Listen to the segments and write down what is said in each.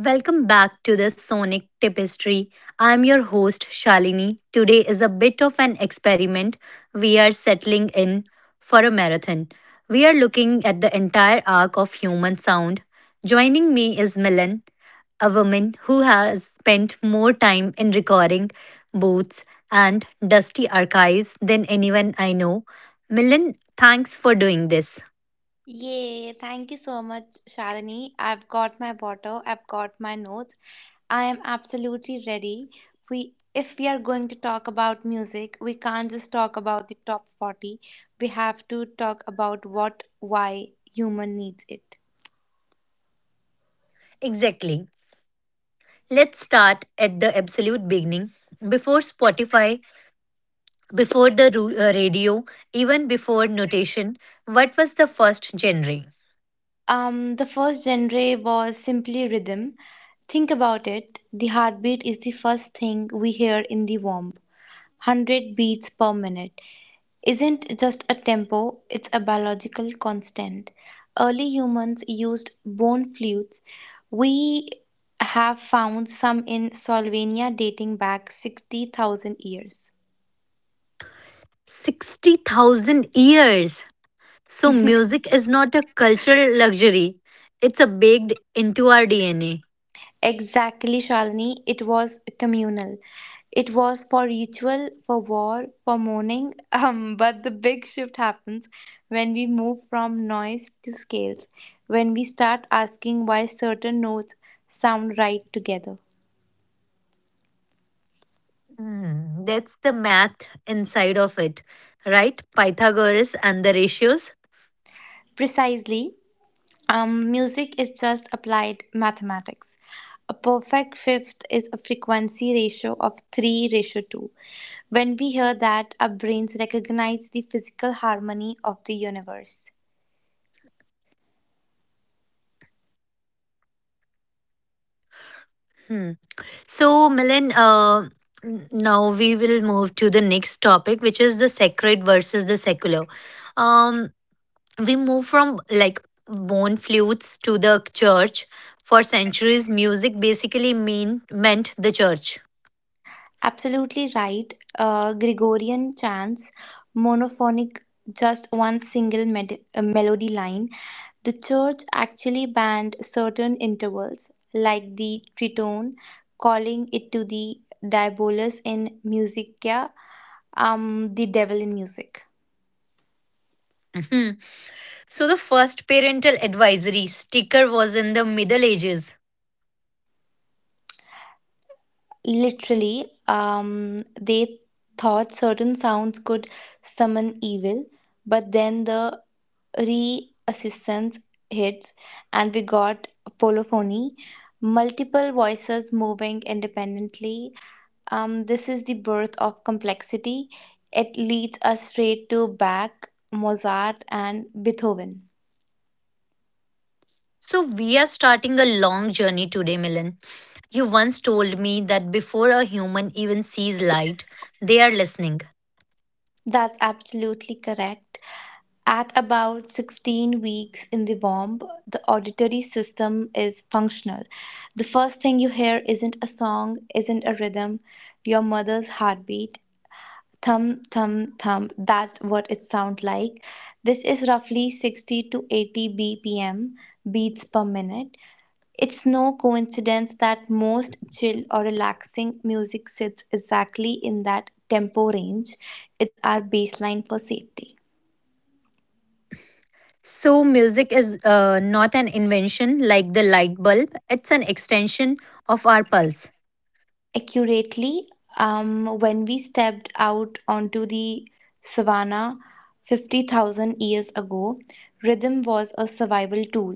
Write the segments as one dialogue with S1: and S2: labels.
S1: Welcome back to the Sonic Tapestry. I'm your host Shalini. Today is a bit of an experiment. We are settling in for a marathon. We are looking at the entire arc of human sound. Joining me is Milan, a woman who has spent more time in recording booths and dusty archives than anyone I know. Milan, thanks for doing this.
S2: Yay, thank you so much, Shalini. I've got my bottle, I've got my notes. I am absolutely ready. We if we are going to talk about music, we can't just talk about the top 40. We have to talk about what why human needs it.
S1: Exactly. Let's start at the absolute beginning. Before Spotify, before the radio, even before notation, what was the first genre?
S2: The first genre was simply rhythm. Think about it. The heartbeat is the first thing we hear in the womb. 100 beats per minute isn't just a tempo, it's a biological constant. Early humans used bone flutes. We have found some in Slovenia dating back 60,000 years.
S1: 60,000 years! So, music is not a cultural luxury, it's a baked into our DNA.
S2: Exactly, Shalini, it was communal. It was for ritual, for war, for mourning. But the big shift happens when we move from noise to scales, when we start asking why certain notes sound right together.
S1: Hmm, that's the math inside of it, right? Pythagoras and the ratios.
S2: Precisely, music is just applied mathematics. A perfect fifth is a frequency ratio of 3 ratio 2. When we hear that, our brains recognize the physical harmony of the universe.
S1: Hmm. So, Milan, now we will move to the next topic, which is the sacred versus the secular. Um, we move from, like, bone flutes to the church. For centuries, music basically meant the church.
S2: Absolutely right. Gregorian chants, monophonic, just one single melody line. The church actually banned certain intervals, like the tritone, calling it to the diabolus in musica, the devil in music.
S1: Mhm. So, the first parental advisory sticker was in the Middle Ages.
S2: Literally, they thought certain sounds could summon evil, but then the re-assistance hits, and we got polyphony, multiple voices moving independently. This is the birth of complexity. It leads us straight to Bach, Mozart, and Beethoven.
S1: So, we are starting a long journey today, Milan. You once told me that before a human even sees light, they are listening.
S2: That's absolutely correct. At about 16 weeks in the womb, the auditory system is functional. The first thing you hear isn't a song, isn't a rhythm, your mother's heartbeat. Thump, thump, thump. That's what it sounds like. This is roughly 60 to 80 BPM, beats per minute. It's no coincidence that most chill or relaxing music sits exactly in that tempo range. It's our baseline for safety.
S1: So, music is, not an invention like the light bulb. It's an extension of our pulse.
S2: Accurately, when we stepped out onto the savannah 50,000 years ago, rhythm was a survival tool.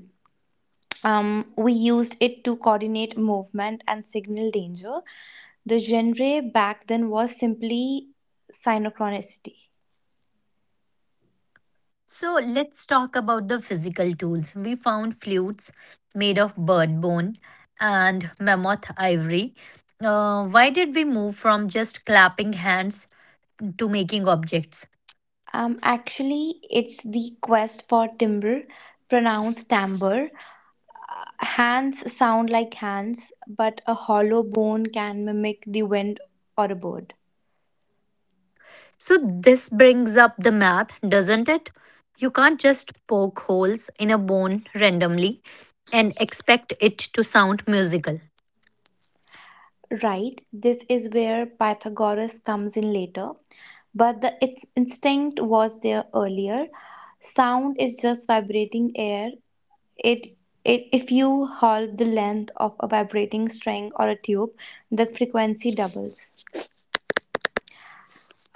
S2: We used it to coordinate movement and signal danger. The genre back then was simply synchronicity.
S1: So, let's talk about the physical tools. We found flutes made of bird bone and mammoth ivory. Why did we move from just clapping hands to making objects?
S2: Actually, it's the quest for timber, pronounced tamber. Hands sound like hands, but a hollow bone can mimic the wind or a bird.
S1: So, this brings up the math, doesn't it? You can't just poke holes in a bone randomly and expect it to sound musical.
S2: Right, this is where Pythagoras comes in later, but the its instinct was there earlier. Sound is just vibrating air. It, it If you hold the length of a vibrating string or a tube, the frequency doubles.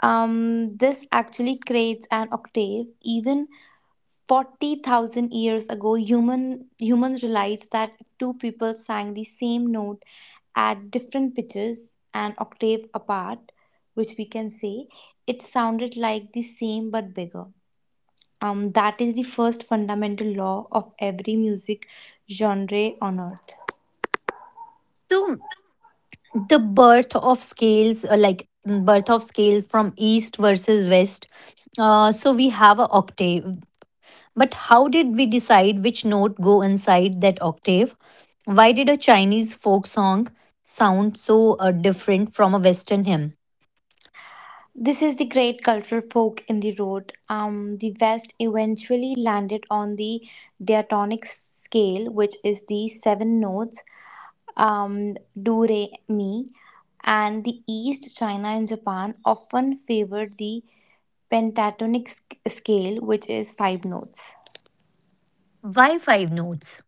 S2: This actually creates an octave. Even 40,000 years ago, humans realized that if two people sang the same note at different pitches, an octave apart, which we can say, it sounded like the same but bigger. That is the first fundamental law of every music genre on earth.
S1: So, the birth of scales, like, birth of scale from east versus west. So we have a octave, but how did we decide which note go inside that octave? Why did a Chinese folk song sound so different from a Western hymn?
S2: This is the great cultural fork in the road. The West eventually landed on the diatonic scale, which is the seven notes, do re mi, and the East, China, and Japan often favored the scale, which is five notes.
S1: Why five notes?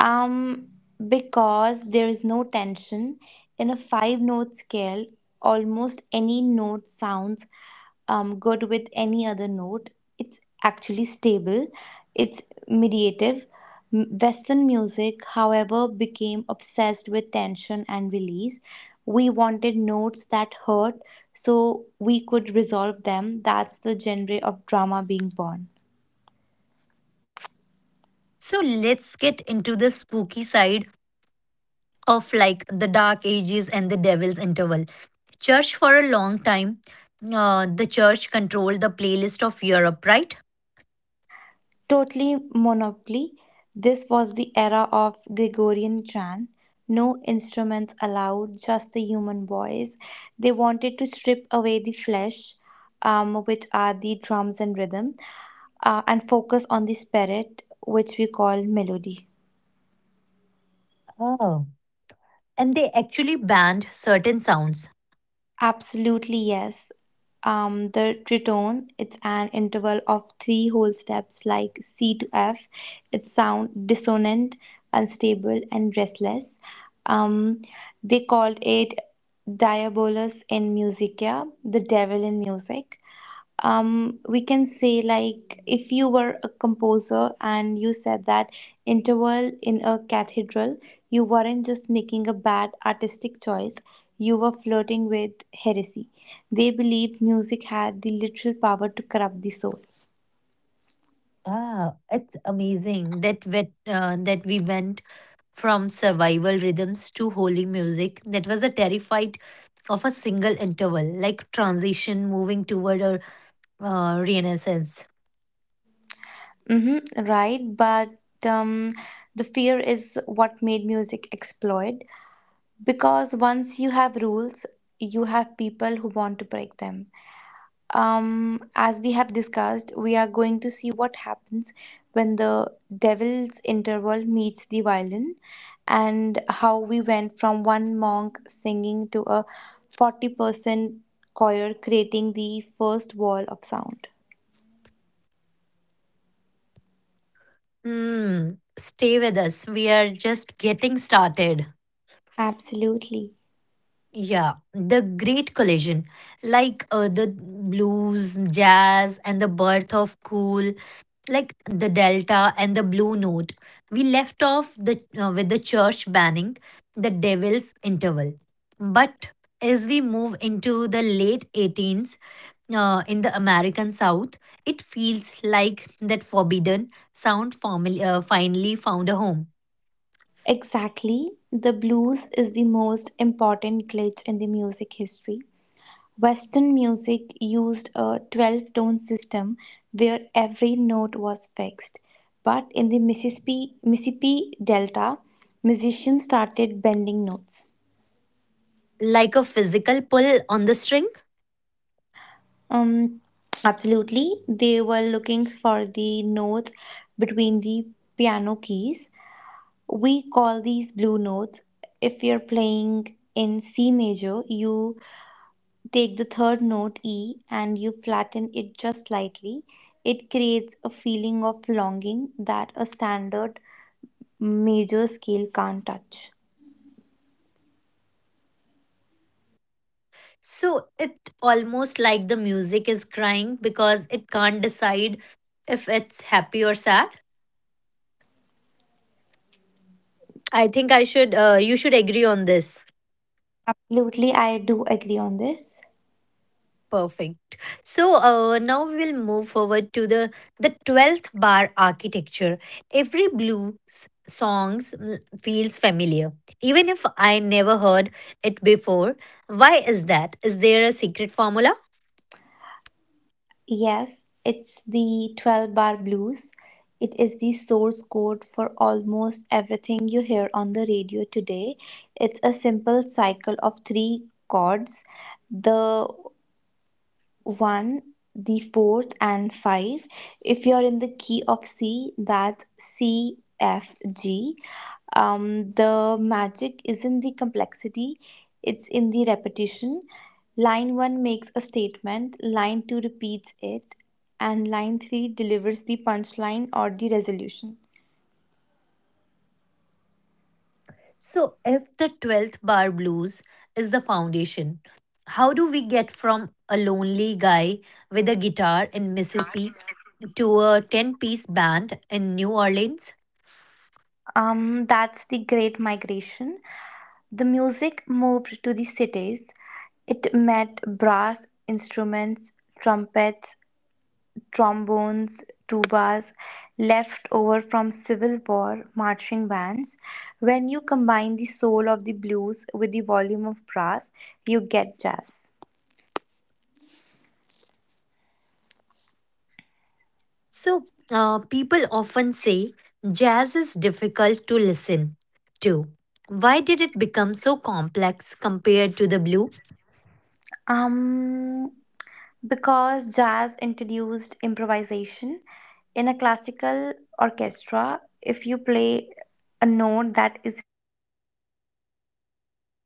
S2: Um, because there is no tension in a five note scale, almost any note sounds good with any other note. It's actually stable, it's mediative. Western music, however, became obsessed with tension and release. We wanted notes that hurt so we could resolve them. That's the genre of drama being born.
S1: So let's get into the spooky side of, like, the Dark Ages and the devil's interval. Church for a long time, the church controlled the playlist of Europe, right?
S2: Totally monopoly. This was the era of Gregorian chant. No instruments allowed, just the human voice. They wanted to strip away the flesh, which are the drums and rhythm, and focus on the spirit, which we call melody.
S1: Oh. And they actually banned certain sounds.
S2: Absolutely, yes. The tritone, it's an interval of three whole steps like C to F. It's sound dissonant, unstable, and restless. Um, they called it diabolus in musica, the devil in music. We can say, like, if you were a composer and you said that interval in a cathedral, you weren't just making a bad artistic choice, you were flirting with heresy. They believed music had the literal power to corrupt the soul.
S1: Ah, it's amazing that that we went from survival rhythms to holy music that was a terrified of a single interval, like transition moving toward a renaissance.
S2: Mm-hmm, right, but um, the fear is what made music exploit, because once you have rules, you have people who want to break them. As we have discussed, we are going to see what happens when the devil's interval meets the violin, and how we went from one monk singing to a 40-person choir creating the first wall of sound.
S1: Hmm. Stay with us. We are just getting started.
S2: Absolutely.
S1: Yeah, the great collision, like, the blues, jazz, and the birth of cool, like the delta and the blue note. We left off the with the church banning the devil's interval, but as we move into the late 18s, in the American south, it feels like that forbidden sound formally, finally found a home.
S2: Exactly. The blues is the most important glitch in the music history. Western music used a 12 tone system where every note was fixed. But in the Mississippi Delta, musicians started bending notes.
S1: Like a physical pull on the string.
S2: Um, Absolutely, they were looking for the notes between the piano keys. We call these blue notes. If you're playing in C major, you take the third note E and you flatten it just slightly. It creates a feeling of longing that a standard major scale can't touch.
S1: So it almost like the music is crying because it can't decide if it's happy or sad. I think I should you should agree on this.
S2: Absolutely, I do agree on this.
S1: Perfect. So, now we'll move forward to the 12th bar architecture. Every blues songs, feels familiar even if I never heard it before. Why is that? Is there a secret formula?
S2: Yes, it's the 12 bar blues. It is the source code for almost everything you hear on the radio today. It's a simple cycle of three chords: the 1, the fourth, and 5. If you're in the key of C, that's C, F, G. The magic isn't the complexity, it's in the repetition. Line 1 makes a statement, line 2 repeats it, and line 3 delivers the punchline or the resolution.
S1: So, if the 12th bar blues is the foundation, how do we get from a lonely guy with a guitar in Mississippi to a 10-piece band in New Orleans?
S2: That's the Great Migration. The music moved to the cities. It met brass instruments, trumpets, trombones, tubas left over from Civil War marching bands. When you combine the soul of the blues with the volume of brass, you get jazz.
S1: So, people often say jazz is difficult to listen to. Why did it become so complex compared to the blue?
S2: Um, because jazz introduced improvisation, in a classical orchestra, if you play a note that isn't on the page, you're fired.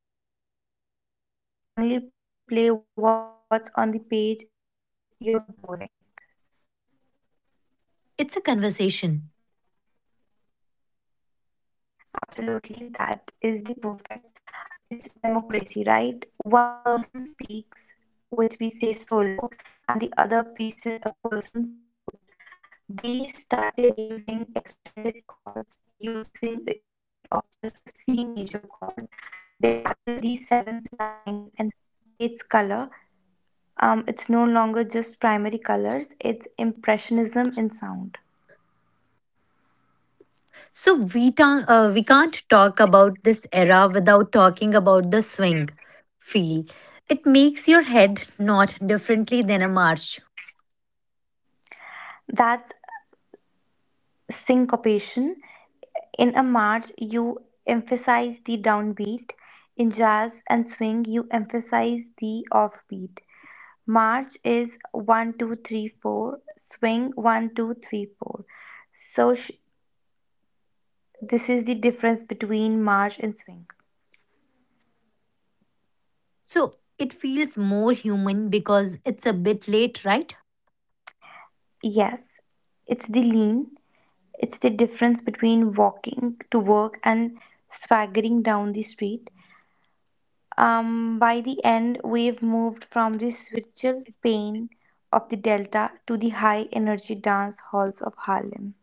S2: In a jazz club, if you only play what's on the page, you're boring.
S1: It's a conversation.
S2: Absolutely, that is the perfect. It's democracy, right? One person speaks, which we say solo, and the other person, a person support. They started using extended chords, using instead of just a C major chord, they added the seventh, ninth, and 13th. This creates color. It's no longer just primary colors; it's impressionism in sound.
S1: So we can't talk about this era without talking about the swing feel. It makes your head not differently than a march.
S2: That's syncopation. In a march, you emphasize the downbeat. In jazz and swing, you emphasize the offbeat. March is one, two, three, four. Swing one, two, three, four. So sh- this is the difference between march and swing.
S1: So it feels more human because it's a bit late, right?
S2: Yes, it's the lean. It's the difference between walking to work and swaggering down the street. By the end, we've moved from the spiritual pain of the Delta to the high energy dance halls of Harlem.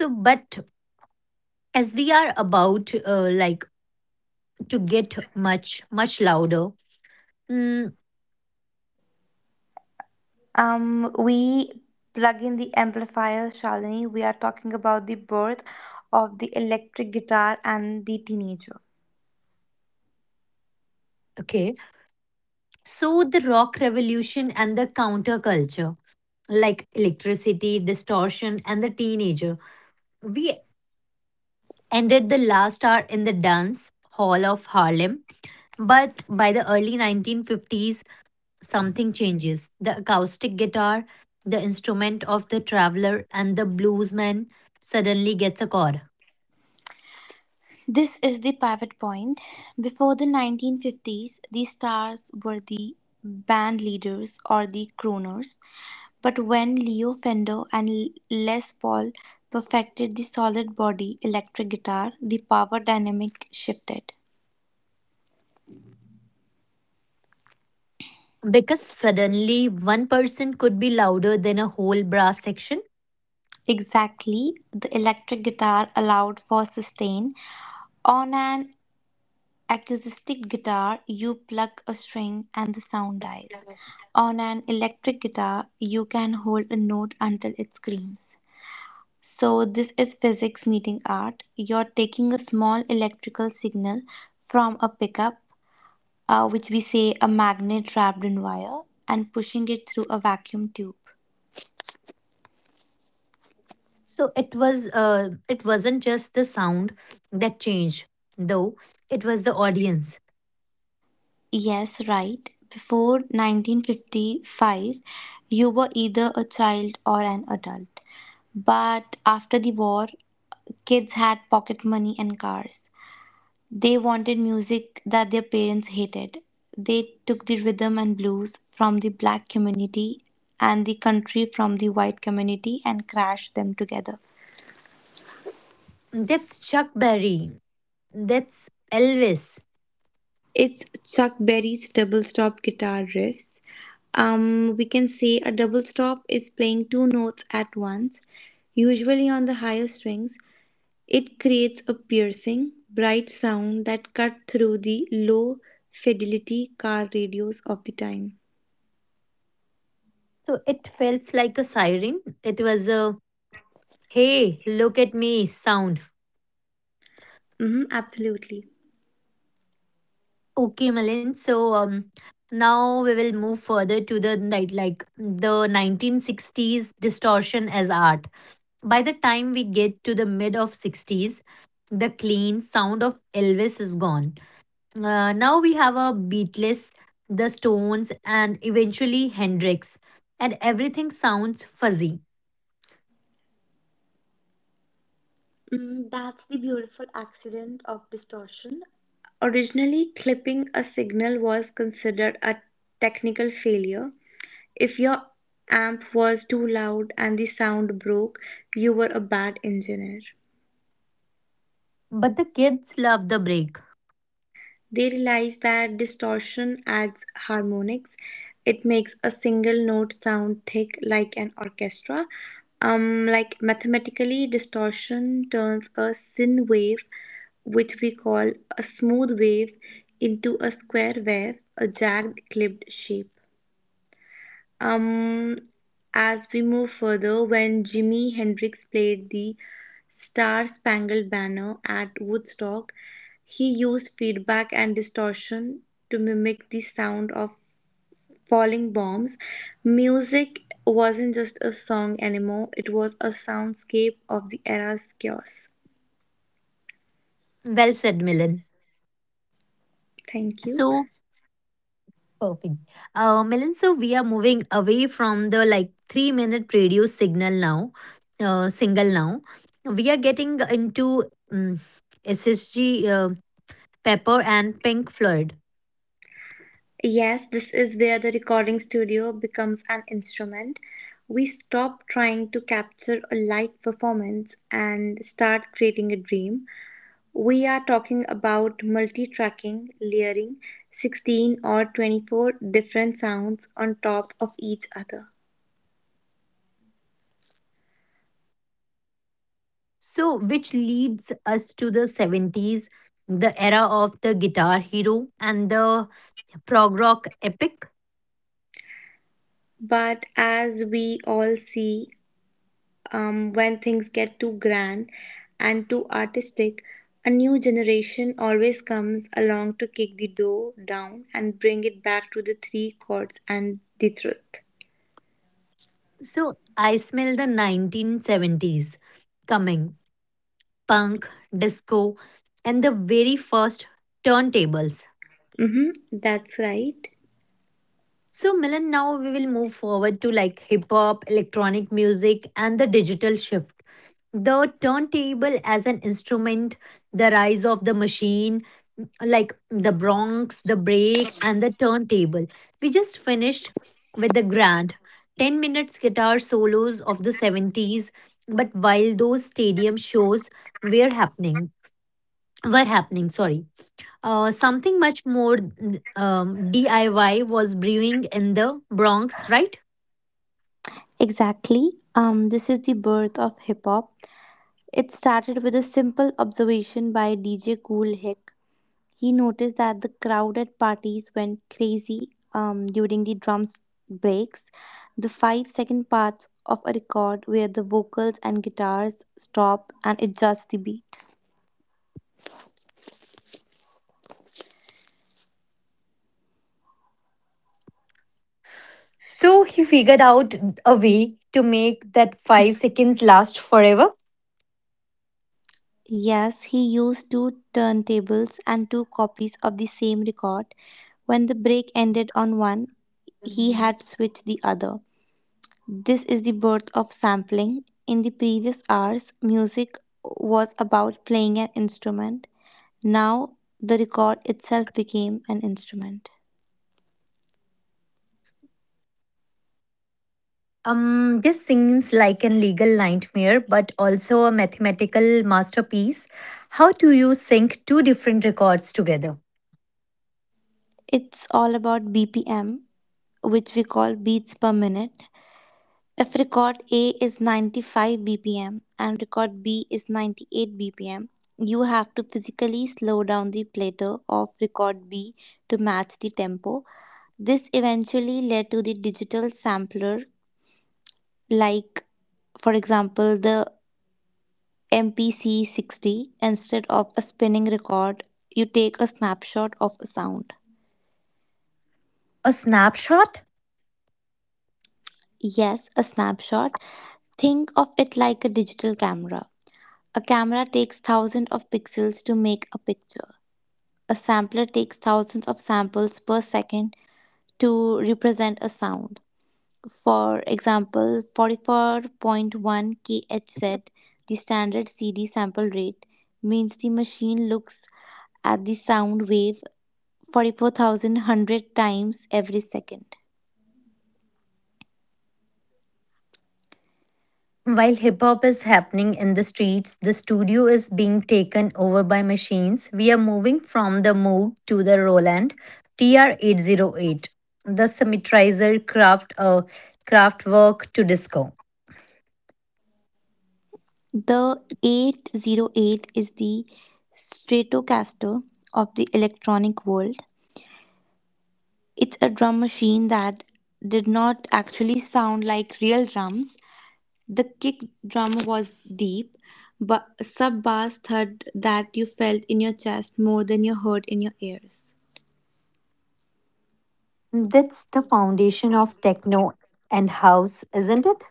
S1: So, but as we are about, like, to get much much louder. Mm.
S2: We plug in the amplifier, Shalini. We are talking about the birth of the electric guitar and the teenager.
S1: Okay, so the rock revolution and the counterculture, like electricity, distortion, and the teenager. We ended the last hour in the dance hall of Harlem, but by the early 1950s something changes. The acoustic guitar, the instrument of the traveler and the bluesman, suddenly gets a chord.
S2: This is the pivot point. Before the 1950s, the stars were the band leaders or the crooners. But when Leo Fender and Les Paul perfected the solid body electric guitar, the power dynamic shifted.
S1: Because suddenly one person could be louder than a whole brass section.
S2: Exactly, the electric guitar allowed for sustain. On an acoustic guitar, you pluck a string and the sound
S1: Yeah.
S2: dies. On an electric guitar you can hold a note until it screams. So this is physics meeting art. You're taking a small electrical signal from a pickup, which we say a magnet wrapped in wire, and pushing it through a vacuum tube.
S1: So it wasn't just the sound that changed, though. It was the audience.
S2: Yes, right. Before 1955, you were either a child or an adult. But after the war, kids had pocket money and cars. They wanted music that their parents hated. They took the rhythm and blues from the black community and the country from the white community and crashed them together.
S1: That's Chuck Berry, that's Elvis.
S2: It's Chuck Berry's double stop guitar riffs. We can say a double stop is playing two notes at once, usually on the higher strings. It creates a piercing, bright sound that cut through the low fidelity car radios of the time.
S1: So it felt like a siren. It was a "hey look at me" sound.
S2: Hmm, absolutely.
S1: Okay, Malin, so now we will move further to the night, like the 1960s distortion as art. By the time we get to the mid of 60s, the clean sound of Elvis is gone. Now we have a Beatles, the Stones, and eventually Hendrix, and everything sounds fuzzy.
S2: Mm, that's the beautiful accident of distortion. Originally, clipping a signal was considered a technical failure. If your amp was too loud and the sound broke, you were a bad engineer.
S1: But the kids love the break.
S2: They realize that distortion adds harmonics. It makes a single note sound thick like an orchestra. Like mathematically, distortion turns a sine wave, which we call a smooth wave, into a square wave, a jagged, clipped shape. Um, as we move further, when Jimi Hendrix played the Star Spangled Banner at Woodstock, he used feedback and distortion to mimic the sound of falling bombs. Music wasn't just a song anymore, it was a soundscape of the era's chaos.
S1: Well said, Milan.
S2: Thank you.
S1: So, perfect. Milan, so we are moving away from the, like, 3-minute radio signal now, single now. We are getting into, um, SSG, Pepper and Pink Floyd.
S2: Yes, this is where the recording studio becomes an instrument. We stop trying to capture a live performance and start creating a dream. We are talking about multi tracking, layering 16 or 24 different sounds on top of each other.
S1: So, which leads us to the 70s, the era of the guitar hero and the prog rock epic.
S2: But as we all see, when things get too grand and too artistic, a new generation always comes along to kick the door down and bring it back to the three chords and the truth.
S1: So, I smell the 1970s coming: punk, disco, and the very first turntables.
S2: Mm-hmm, that's right.
S1: So, Milan, now we will move forward to, like, hip hop, electronic music, and the digital shift. The turntable as an instrument, the rise of the machine, like the Bronx, the break, and the turntable. We just finished with the grand 10 minutes guitar solos of the 70s. But while those stadium shows were happening, sorry, something much more, DIY was brewing in the Bronx, right?
S2: Exactly. This is the birth of hip hop. It started with a simple observation by DJ Cool Hick. He noticed that the crowd at parties went crazy during the drums breaks, the 5 second parts of a record where the vocals and guitars stop and adjust the beat.
S1: So he figured out a way to make that 5 seconds last forever.
S2: Yes, he used two turntables and two copies of the same record. When the break ended on one, he had switched the other. This is the birth of sampling. In the previous hours, music was about playing an instrument. Now the record itself became an instrument.
S1: This seems like an legal nightmare, but also a mathematical masterpiece. How do you sync two different records together?
S2: It's all about BPM, which we call beats per minute. If record A is 95 BPM and record B is 98 BPM, you have to physically slow down the platter of record B to match the tempo. This eventually led to the digital sampler, like, for example, the MPC 60. Instead of a spinning record, you take a snapshot of a sound.
S1: A snapshot?
S2: Yes, a snapshot. Think of it like a digital camera. A camera takes thousands of pixels to make a picture. A sampler takes thousands of samples per second to represent a sound. For example, 44.1 kHz, the standard CD sample rate, means the machine looks at the sound wave 44,100 times every second.
S1: While hip hop is happening in the streets, the studio is being taken over by machines. We are moving from the Moog to the Roland TR-808, the Symmetrizer craftwork to disco.
S2: The 808 is the Stratocaster of the electronic world. It's a drum machine that did not actually sound like real drums. The kick drum was deep, but sub bass thud that you felt in your chest more than you heard in your ears.
S1: That's the foundation of techno and house, isn't it?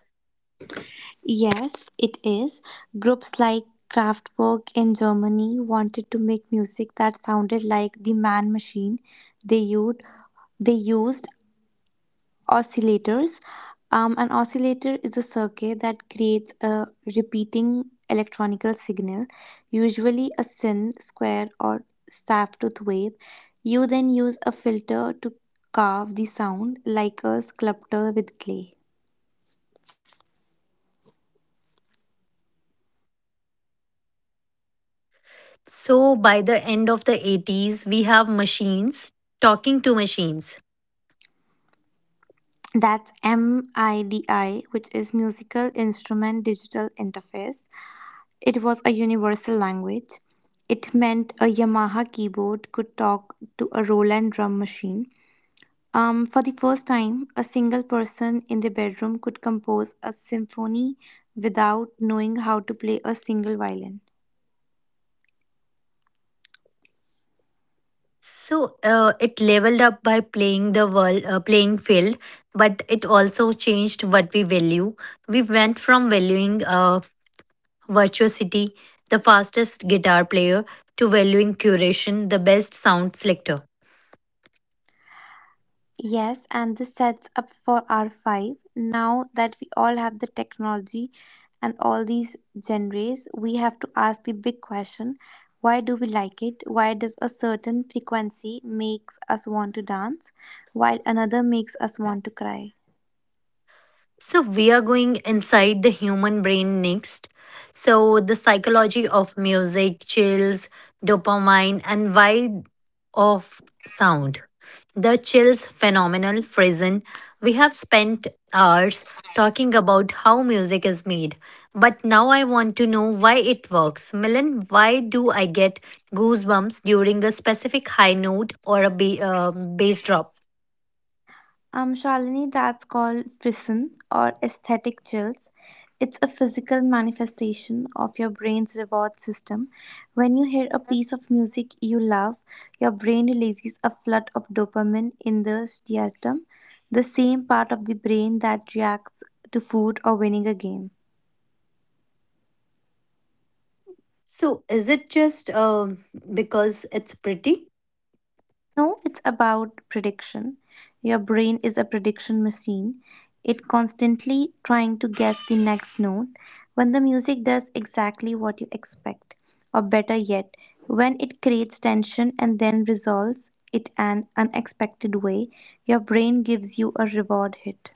S2: Yes, it is. Groups like Kraftwerk in Germany wanted to make music that sounded like the man machine, they used they used oscillators. An oscillator is a circuit that creates a repeating electronical signal, usually a sin, square, or staff tooth wave. You then use a filter to carve the sound like a sculptor with clay.
S1: So by the end of the 80s, we have machines talking to machines.
S2: That's MIDI, which is Musical Instrument Digital Interface. It was a universal language. It meant a Yamaha keyboard could talk to a Roland drum machine. For the first time, a single person in their bedroom could compose a symphony without knowing how to play a single violin.
S1: So, it leveled up by playing field, but it also changed what we value. We went from valuing, virtuosity, the fastest guitar player, to valuing curation, the best sound selector.
S2: Yes, and this sets up for R5. Now that we all have the technology and all these genres, we have to ask the big question: why do we like it? Why does a certain frequency makes us want to dance while another makes us want to cry?
S1: So, we are going inside the human brain next. So, the psychology of music, chills, dopamine, and why of sound. The chills phenomenal frozen. We have spent hours talking about how music is made, but now I want to know why it works. Milan, why do I get goosebumps during a specific high note or a bass drop?
S2: Shalini, that's called frisson or aesthetic chills. It's a physical manifestation of your brain's reward system. When you hear a piece of music you love, your brain releases a flood of dopamine in the striatum, the same part of the brain that reacts to food or winning a game.
S1: So, is it just, because it's pretty?
S2: No, it's about prediction. Your brain is a prediction machine. It constantly trying to guess the next note when the music does exactly what you expect. Or better yet, when it creates tension and then resolves it an unexpected way, your brain gives you a reward hit.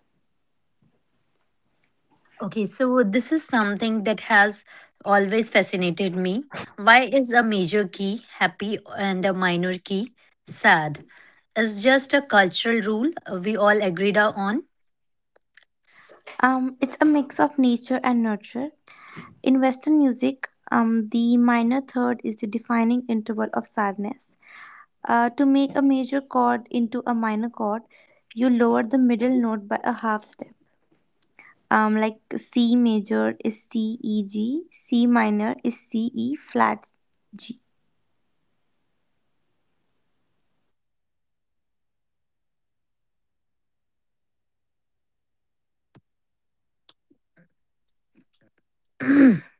S1: Okay, so this is something that has always fascinated me. Why is a major key happy and a minor key sad? It's just a cultural rule we all agreed on.
S2: It's a mix of nature and nurture. In Western music, the minor third is the defining interval of sadness. To make a major chord into a minor chord, you lower the middle note by a half step. Like C major is CEG, C minor is C E flat G.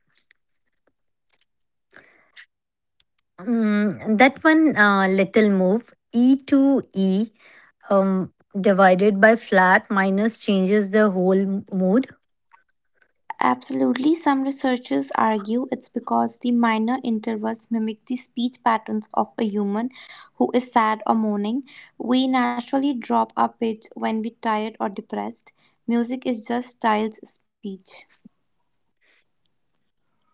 S1: That one little move, E to E, um, divided by flat minus changes the whole mood.
S2: Absolutely, some researchers argue it's because the minor intervals mimic the speech patterns of a human who is sad or mourning. We naturally drop our pitch when we're tired or depressed. Music is just child's speech.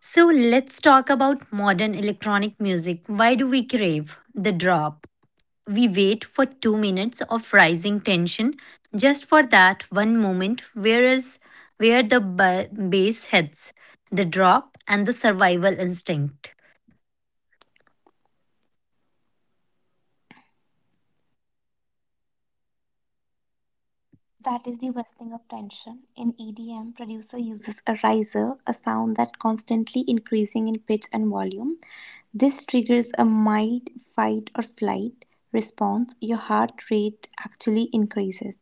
S1: So let's talk about modern electronic music. Why do we crave the drop? We wait for 2 minutes of rising tension just for that one moment, whereas where the bass hits. The drop and the survival instinct.
S2: That is the whistling of tension. In EDM, producer uses a riser, a sound that constantly increasing in pitch and volume. This triggers a mild fight or flight response. Your heart rate actually increases.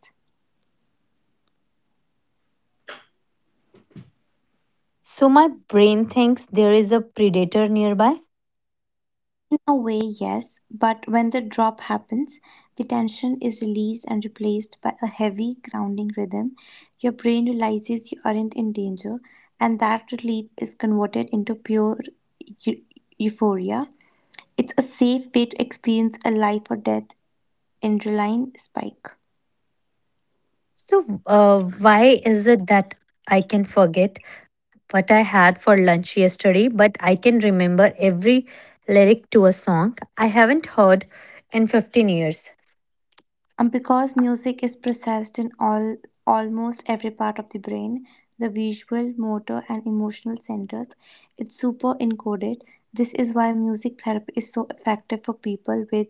S1: So my brain thinks there is a predator nearby.
S2: In a way, yes, but when the drop happens, the tension is released and replaced by a heavy grounding rhythm. Your brain realizes you aren't in danger, and that relief is converted into pure eu- euphoria. It's a safe way to experience a life or death adrenaline spike.
S1: So, why is it that I can forget what I had for lunch yesterday, but I can remember every lyric to a song I haven't heard in 15 years?
S2: And because music is processed in all almost every part of the brain, the visual, motor, and emotional centers, it's super encoded. This is why music therapy is so effective for people with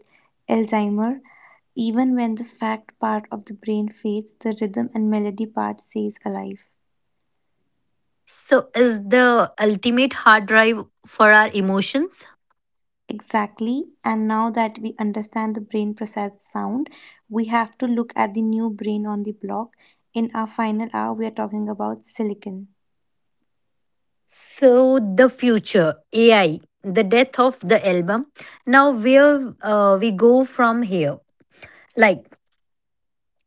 S2: Alzheimer. Even when the fact part of the brain fades, the rhythm and melody part stays alive.
S1: So, is the ultimate hard drive for our emotions?
S2: Exactly. And now that we understand the brain process sound, we have to look at the new brain on the block. In our final hour, we are talking about silicon.
S1: So, the future, AI, the death of the album. Now, where we go from here? Like,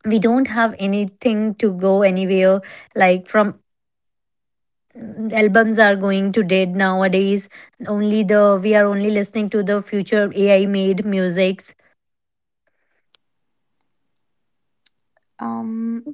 S1: we don't have anything to go anywhere. Like, from albums are going to dead nowadays. Only the We are only listening to the future AI made musics.
S2: Um,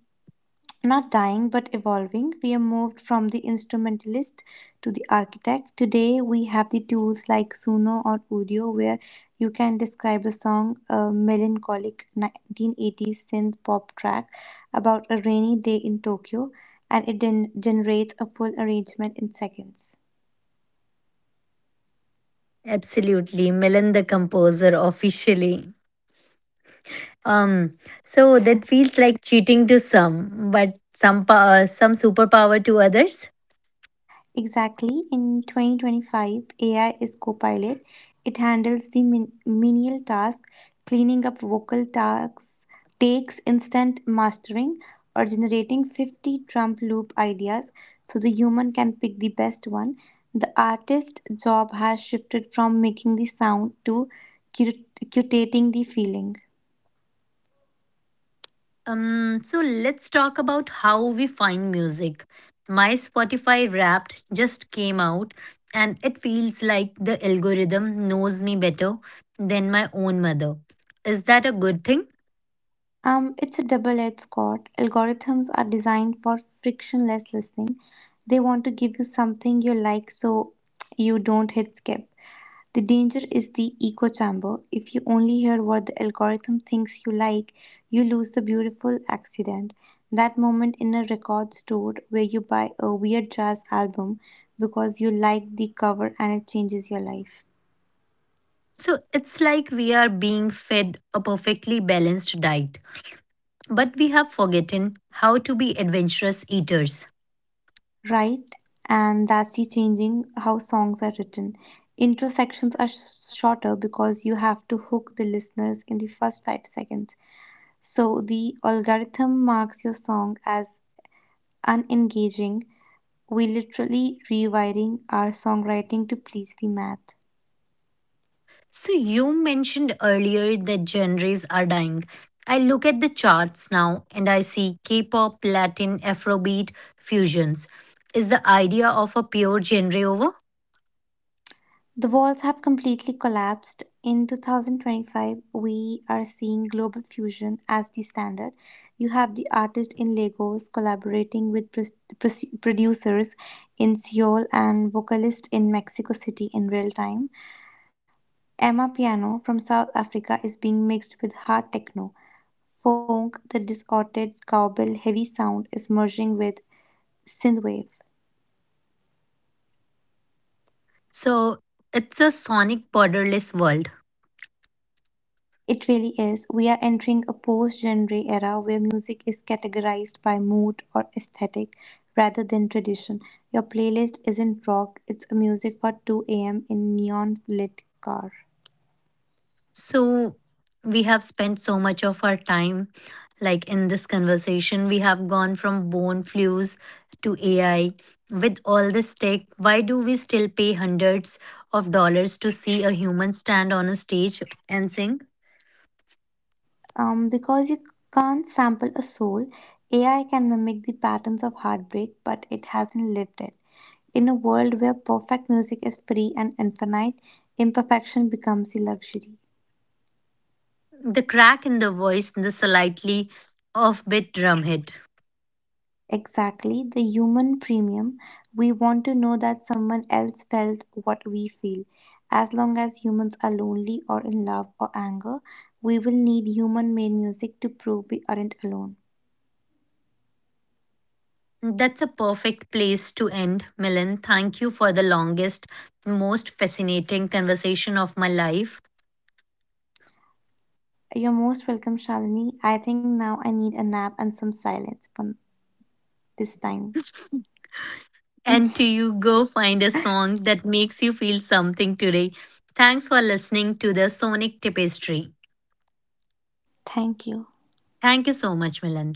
S2: Not dying but evolving, we have moved from the instrumentalist to the architect. Today, we have the tools like Suno or Udio, where you can describe a song, a melancholic 1980s synth pop track about a rainy day in Tokyo, and it generates a full arrangement in seconds.
S1: Absolutely, Milan the composer officially. Um, so that feels like cheating to some, but some superpower to others.
S2: Exactly. In 2025, AI is Copilot. It handles the menial task, cleaning up vocal tasks, takes instant mastering, or generating 50 Trump loop ideas so the human can pick the best one. The artist's job has shifted from making the sound to curating the feeling.
S1: So let's talk about how we find music. My Spotify Wrapped just came out, and it feels like the algorithm knows me better than my own mother. Is that a good thing?
S2: It's a double edged sword. Algorithms are designed for frictionless listening. They want to give you something you like so you don't hit skip. The danger is the echo chamber. If you only hear what the algorithm thinks you like, you lose the beautiful accident. That moment in a record store where you buy a weird jazz album because you like the cover and it changes your life.
S1: So it's like we are being fed a perfectly balanced diet, but we have forgotten how to be adventurous eaters.
S2: Right? And that's the changing how songs are written. Intro sections are shorter because you have to hook the listeners in the first 5 seconds. So the algorithm marks your song as unengaging. We literally rewiring our songwriting to please the math.
S1: So you mentioned earlier that genres are dying. I look at the charts now and I see K-pop, Latin, Afrobeat, fusions. Is the idea of a pure genre over?
S2: The walls have completely collapsed. In 2025, we are seeing global fusion as the standard. You have the artist in Lagos collaborating with producers in Seoul and vocalist in Mexico City in real time. Emma Piano from South Africa is being mixed with hard techno. Funk, the distorted, cowbell, heavy sound is merging with synthwave.
S1: So it's a sonic borderless world.
S2: It really is. We are entering a post genre era where music is categorized by mood or aesthetic rather than tradition. Your playlist isn't rock, it's a music for 2 a.m. in neon lit car.
S1: So we have spent so much of our time, like in this conversation, we have gone from bone flues to AI. With all this tech, why do we still pay hundreds of dollars to see a human stand on a stage and sing?
S2: Because you can't sample a soul, AI can mimic the patterns of heartbreak, but it hasn't lived it. In a world where perfect music is free and infinite, imperfection becomes a luxury.
S1: The crack in the voice, the slightly offbeat drum hit.
S2: Exactly, the human premium. We want to know that someone else felt what we feel. As long as humans are lonely or in love or anger, we will need human made music to prove we aren't alone.
S1: That's a perfect place to end, Milan. Thank you for the longest, most fascinating conversation of my life.
S2: You're most welcome, Shalini. I think now I need a nap and some silence for this time.
S1: And to you, go find a song that makes you feel something today. Thanks for listening to the Sonic Tapestry.
S2: Thank you.
S1: Thank you so much, Milan.